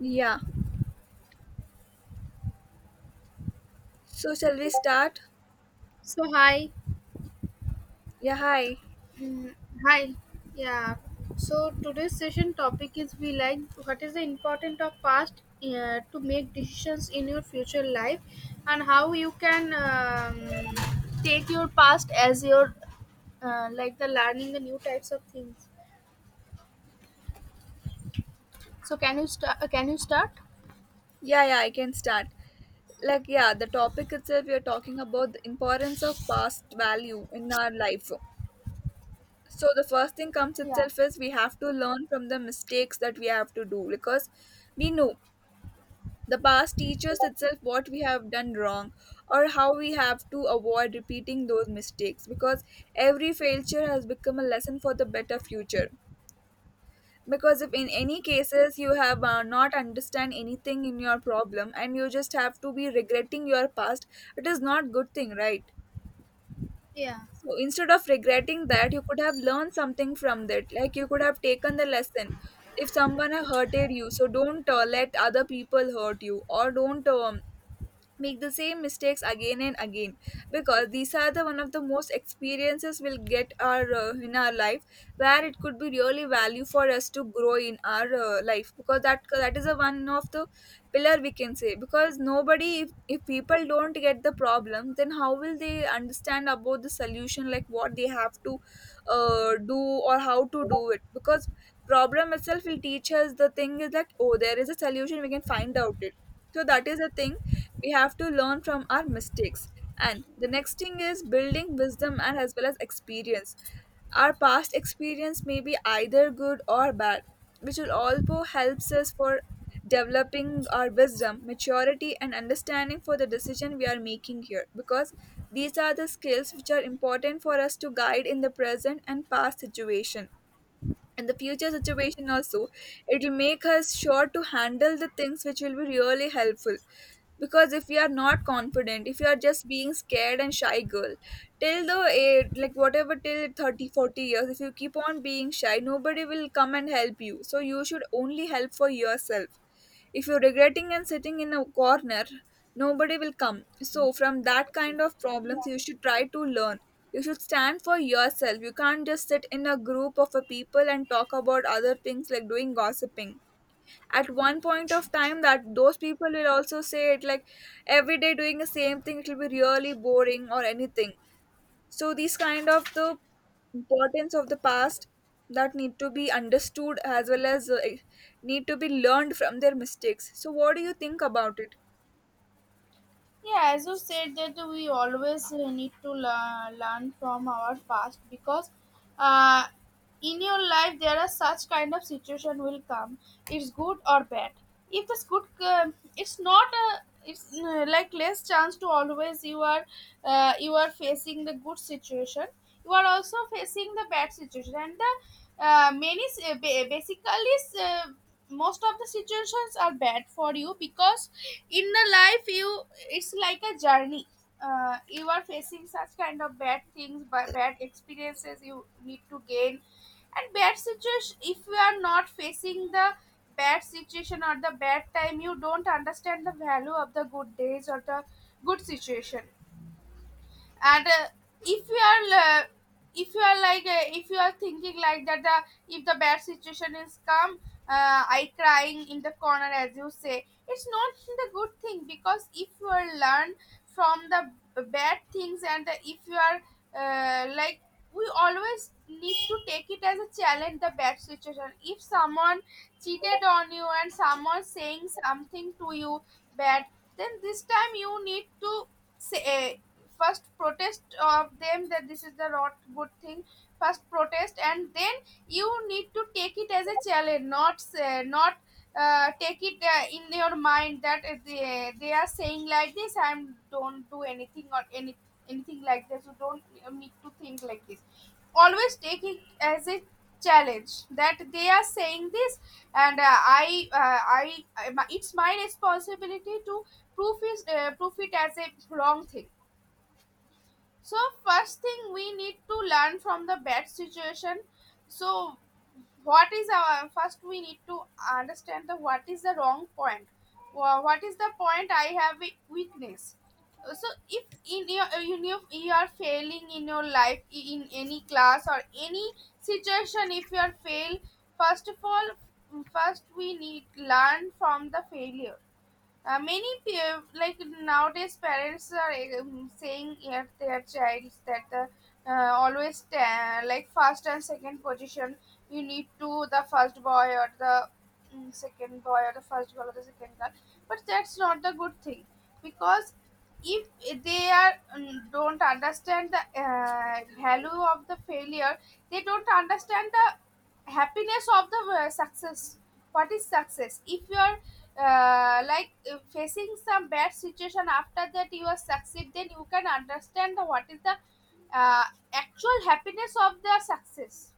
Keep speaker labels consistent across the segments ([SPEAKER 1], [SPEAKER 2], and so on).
[SPEAKER 1] Yeah. So shall we start?
[SPEAKER 2] So hi.
[SPEAKER 1] Yeah, hi.
[SPEAKER 2] Mm, Hi, yeah. So today's session topic is we like what is the importance of past to make decisions in your future life, and how you can take your past as your like the learning the new types of things. So can you start? Can you start?
[SPEAKER 1] Yeah, yeah, I can start. Like, yeah, the topic itself, we are talking about the importance of past value in our life. So the first thing comes
[SPEAKER 2] Yeah.
[SPEAKER 1] itself is we have to learn from the mistakes that we have to do because we know the past teaches itself what we have done wrong or how we have to avoid repeating those mistakes, because every failure has become a lesson for the better future. Because if in any cases you have not understand anything in your problem and you just have to be regretting your past, it is not good thing, right?
[SPEAKER 2] Yeah.
[SPEAKER 1] So instead of regretting that, you could have learned something from that. Like, you could have taken the lesson. If someone have hurted you, so don't let other people hurt you, or don't make the same mistakes again and again, because these are the one of the most experiences we'll get our in our life, where it could be really value for us to grow in our life, because that is a one of the pillar we can say. Because nobody, if people don't get the problem, then how will they understand about the solution, like what they have to do or how to do it? Because problem itself will teach us the thing is like, oh, there is a solution, we can find out it. So that is the thing, we have to learn from our mistakes. And the next thing is building wisdom and as well as experience. Our past experience may be either good or bad, which will also helps us for developing our wisdom, maturity and understanding for the decision we are making here, because these are the skills which are important for us to guide in the present and past situation, and the future situation also. It will make us sure to handle the things which will be really helpful, because if you are not confident, if you are just being scared and shy girl till the age like whatever till 30, 40 years, if you keep on being shy, nobody will come and help you, so you should only help for yourself. If you're regretting and sitting in a corner, nobody will come. So, from that kind of problems, you should try to learn. You should stand for yourself. You can't just sit in a group of a people and talk about other things like doing gossiping. At one point of time, that those people will also say it, like every day doing the same thing, it will be really boring or anything. So these kind of the importance of the past that need to be understood as well as need to be learned from their mistakes. So what do you think about it?
[SPEAKER 2] Yeah, as you said that we always need to learn from our past because uh, in your life there are such kind of situation will come. It's good or bad. If it's good, it's not a. It's like less chance to always you are facing the good situation, you are also facing the bad situation, and the many s- ba- basically s- most of the situations are bad for you because in the life you, it's like a journey. You are facing such kind of bad things, by bad experiences you need to gain and bad situation. If you are not facing the bad situation or the bad time, you don't understand the value of the good days or the good situation. And if you are uh, if you are like, if you are thinking like that, if the bad situation is come, I crying in the corner, as you say, it's not the good thing. Because if you are learn from the bad things and if you are, like, we always need to take it as a challenge. The bad situation, if someone cheated on you and someone saying something to you bad, then this time you need to say, first protest of them that this is the not good thing. First protest and then you need to take it as a challenge, not say, not take it in your mind that they are saying like this. I am don't do anything or anything like this. You don't need to think like this. Always take it as a challenge that they are saying this. And I, it's my responsibility to proof is, proof it as a wrong thing. So first thing, we need to learn from the bad situation. So what is our first, we need to understand the what is the wrong point. What is the point I have a weakness. So if in your, you are failing in your life, in any class or any situation, if you are fail, first of all, first we need learn from the failure. Like nowadays parents are saying at their child that the like first and second position, you need to the first boy or the second boy or the first girl or the second girl. But that's not the good thing, because if they are, don't understand the value of the failure, they don't understand the happiness of the success. What is success? If your, facing some bad situation, after that you are succeed, then you can understand the, what is the uh, actual happiness of the success.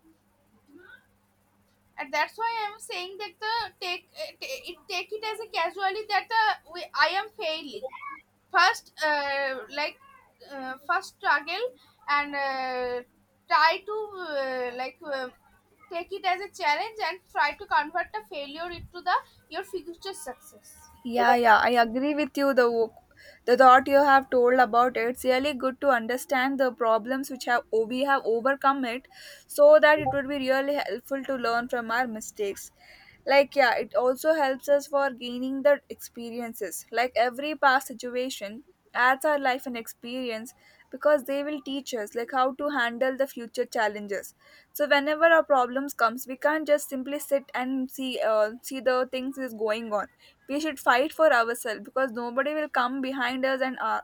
[SPEAKER 2] And that's why I am saying that the take it, take it as a casually that I am failing first, first struggle, and try to, take it as a challenge and try to convert the failure into the your future success.
[SPEAKER 1] Yeah, yeah, I agree with you. The thought you have told about it, it's really good to understand the problems which have, oh, we have overcome it, so that it would be really helpful to learn from our mistakes. Like, yeah, it also helps us for gaining the experiences. Like every past situation ads are life and experience, because they will teach us like how to handle the future challenges. So whenever our problems comes, we can't just simply sit and see, see the things is going on. We should fight for ourselves because nobody will come behind us and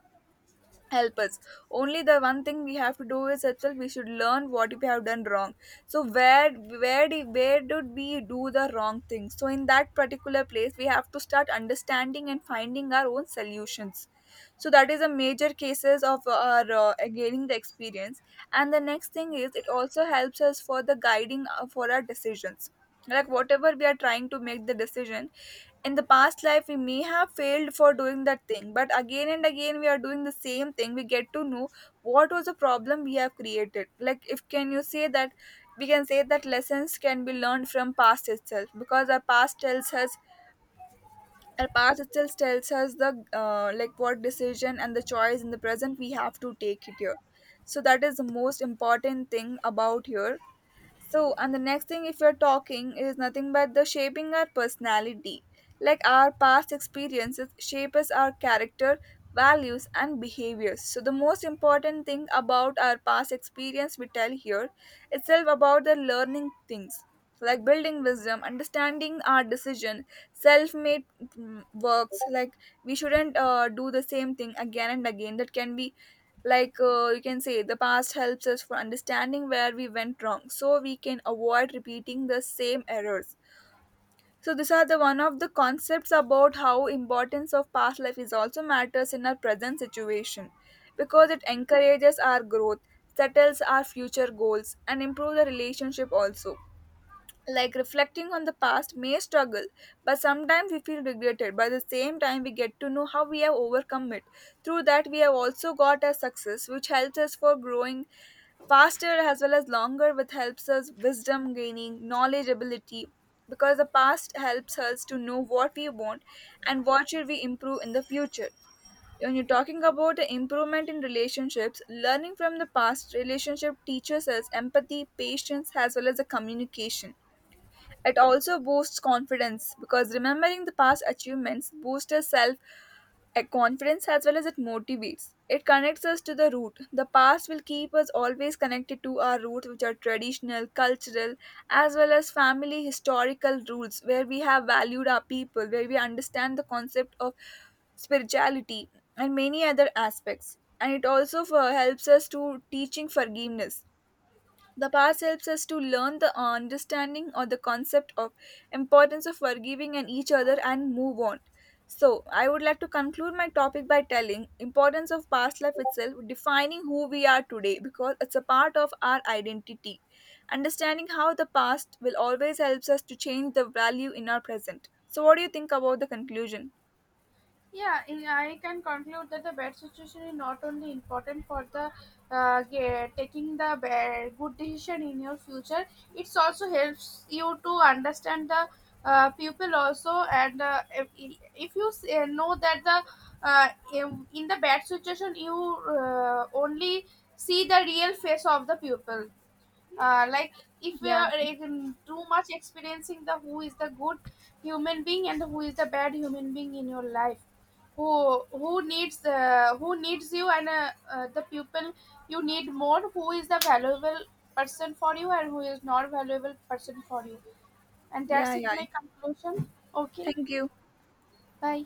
[SPEAKER 1] help us. Only the one thing we have to do is itself, we should learn what we have done wrong. So where, where did we do the wrong thing, so in that particular place we have to start understanding and finding our own solutions. So that is a major cases of our gaining the experience. And the next thing is, it also helps us for the guiding for our decisions. Like whatever we are trying to make the decision, in the past life we may have failed for doing that thing, but again and again we are doing the same thing, we get to know what was the problem we have created. Like, if can you say that, we can say that lessons can be learned from past itself, because our past tells us, our past itself tells us the like what decision and the choice in the present we have to take it here. So that is the most important thing about here. So, and the next thing, if you're talking, is nothing but the shaping our personality. Like our past experiences shapes our character, values, and behaviors. So, the most important thing about our past experience we tell here itself about the learning things, like building wisdom, understanding our decision, self-made, works. Like, we shouldn't do the same thing again and again. That can be like, you can say the past helps us for understanding where we went wrong, so we can avoid repeating the same errors. So these are the one of the concepts about how importance of past life is also matters in our present situation, because it encourages our growth, settles our future goals and improve the relationship also. Like reflecting on the past may struggle, but sometimes we feel regretted, by the same time we get to know how we have overcome it. Through that we have also got a success which helps us for growing faster as well as longer, which helps us wisdom, gaining knowledge, ability, because the past helps us to know what we want and what should we improve in the future. When you're talking about the improvement in relationships, learning from the past relationship teaches us empathy, patience as well as the communication. It also boosts confidence, because remembering the past achievements boosts our self confidence as well as it motivates. It connects us to the root. The past will keep us always connected to our roots, which are traditional, cultural, as well as family historical rules, where we have valued our people, where we understand the concept of spirituality and many other aspects. And it also for, helps us to teaching forgiveness. The past helps us to learn the understanding or the concept of importance of forgiving and each other and move on. So, I would like to conclude my topic by telling importance of past life itself defining who we are today, because it's a part of our identity. Understanding how the past will always helps us to change the value in our present. So, what do you think about the conclusion?
[SPEAKER 2] Yeah, I can conclude that the bad situation is not only important for the taking the bad, good decision in your future. It's also helps you to understand the people also. And if you know that the, uh, in the bad situation, you only see the real face of the pupil. Like, if we
[SPEAKER 1] Yeah.
[SPEAKER 2] are like, in too much experiencing the who is the good human being and who is the bad human being in your life, who needs, who needs you, and the people you need more, who is the valuable person for you and who is not valuable person for you. And that's
[SPEAKER 1] Yeah,
[SPEAKER 2] it,
[SPEAKER 1] yeah.
[SPEAKER 2] my conclusion. Okay,
[SPEAKER 1] Thank you.
[SPEAKER 2] bye.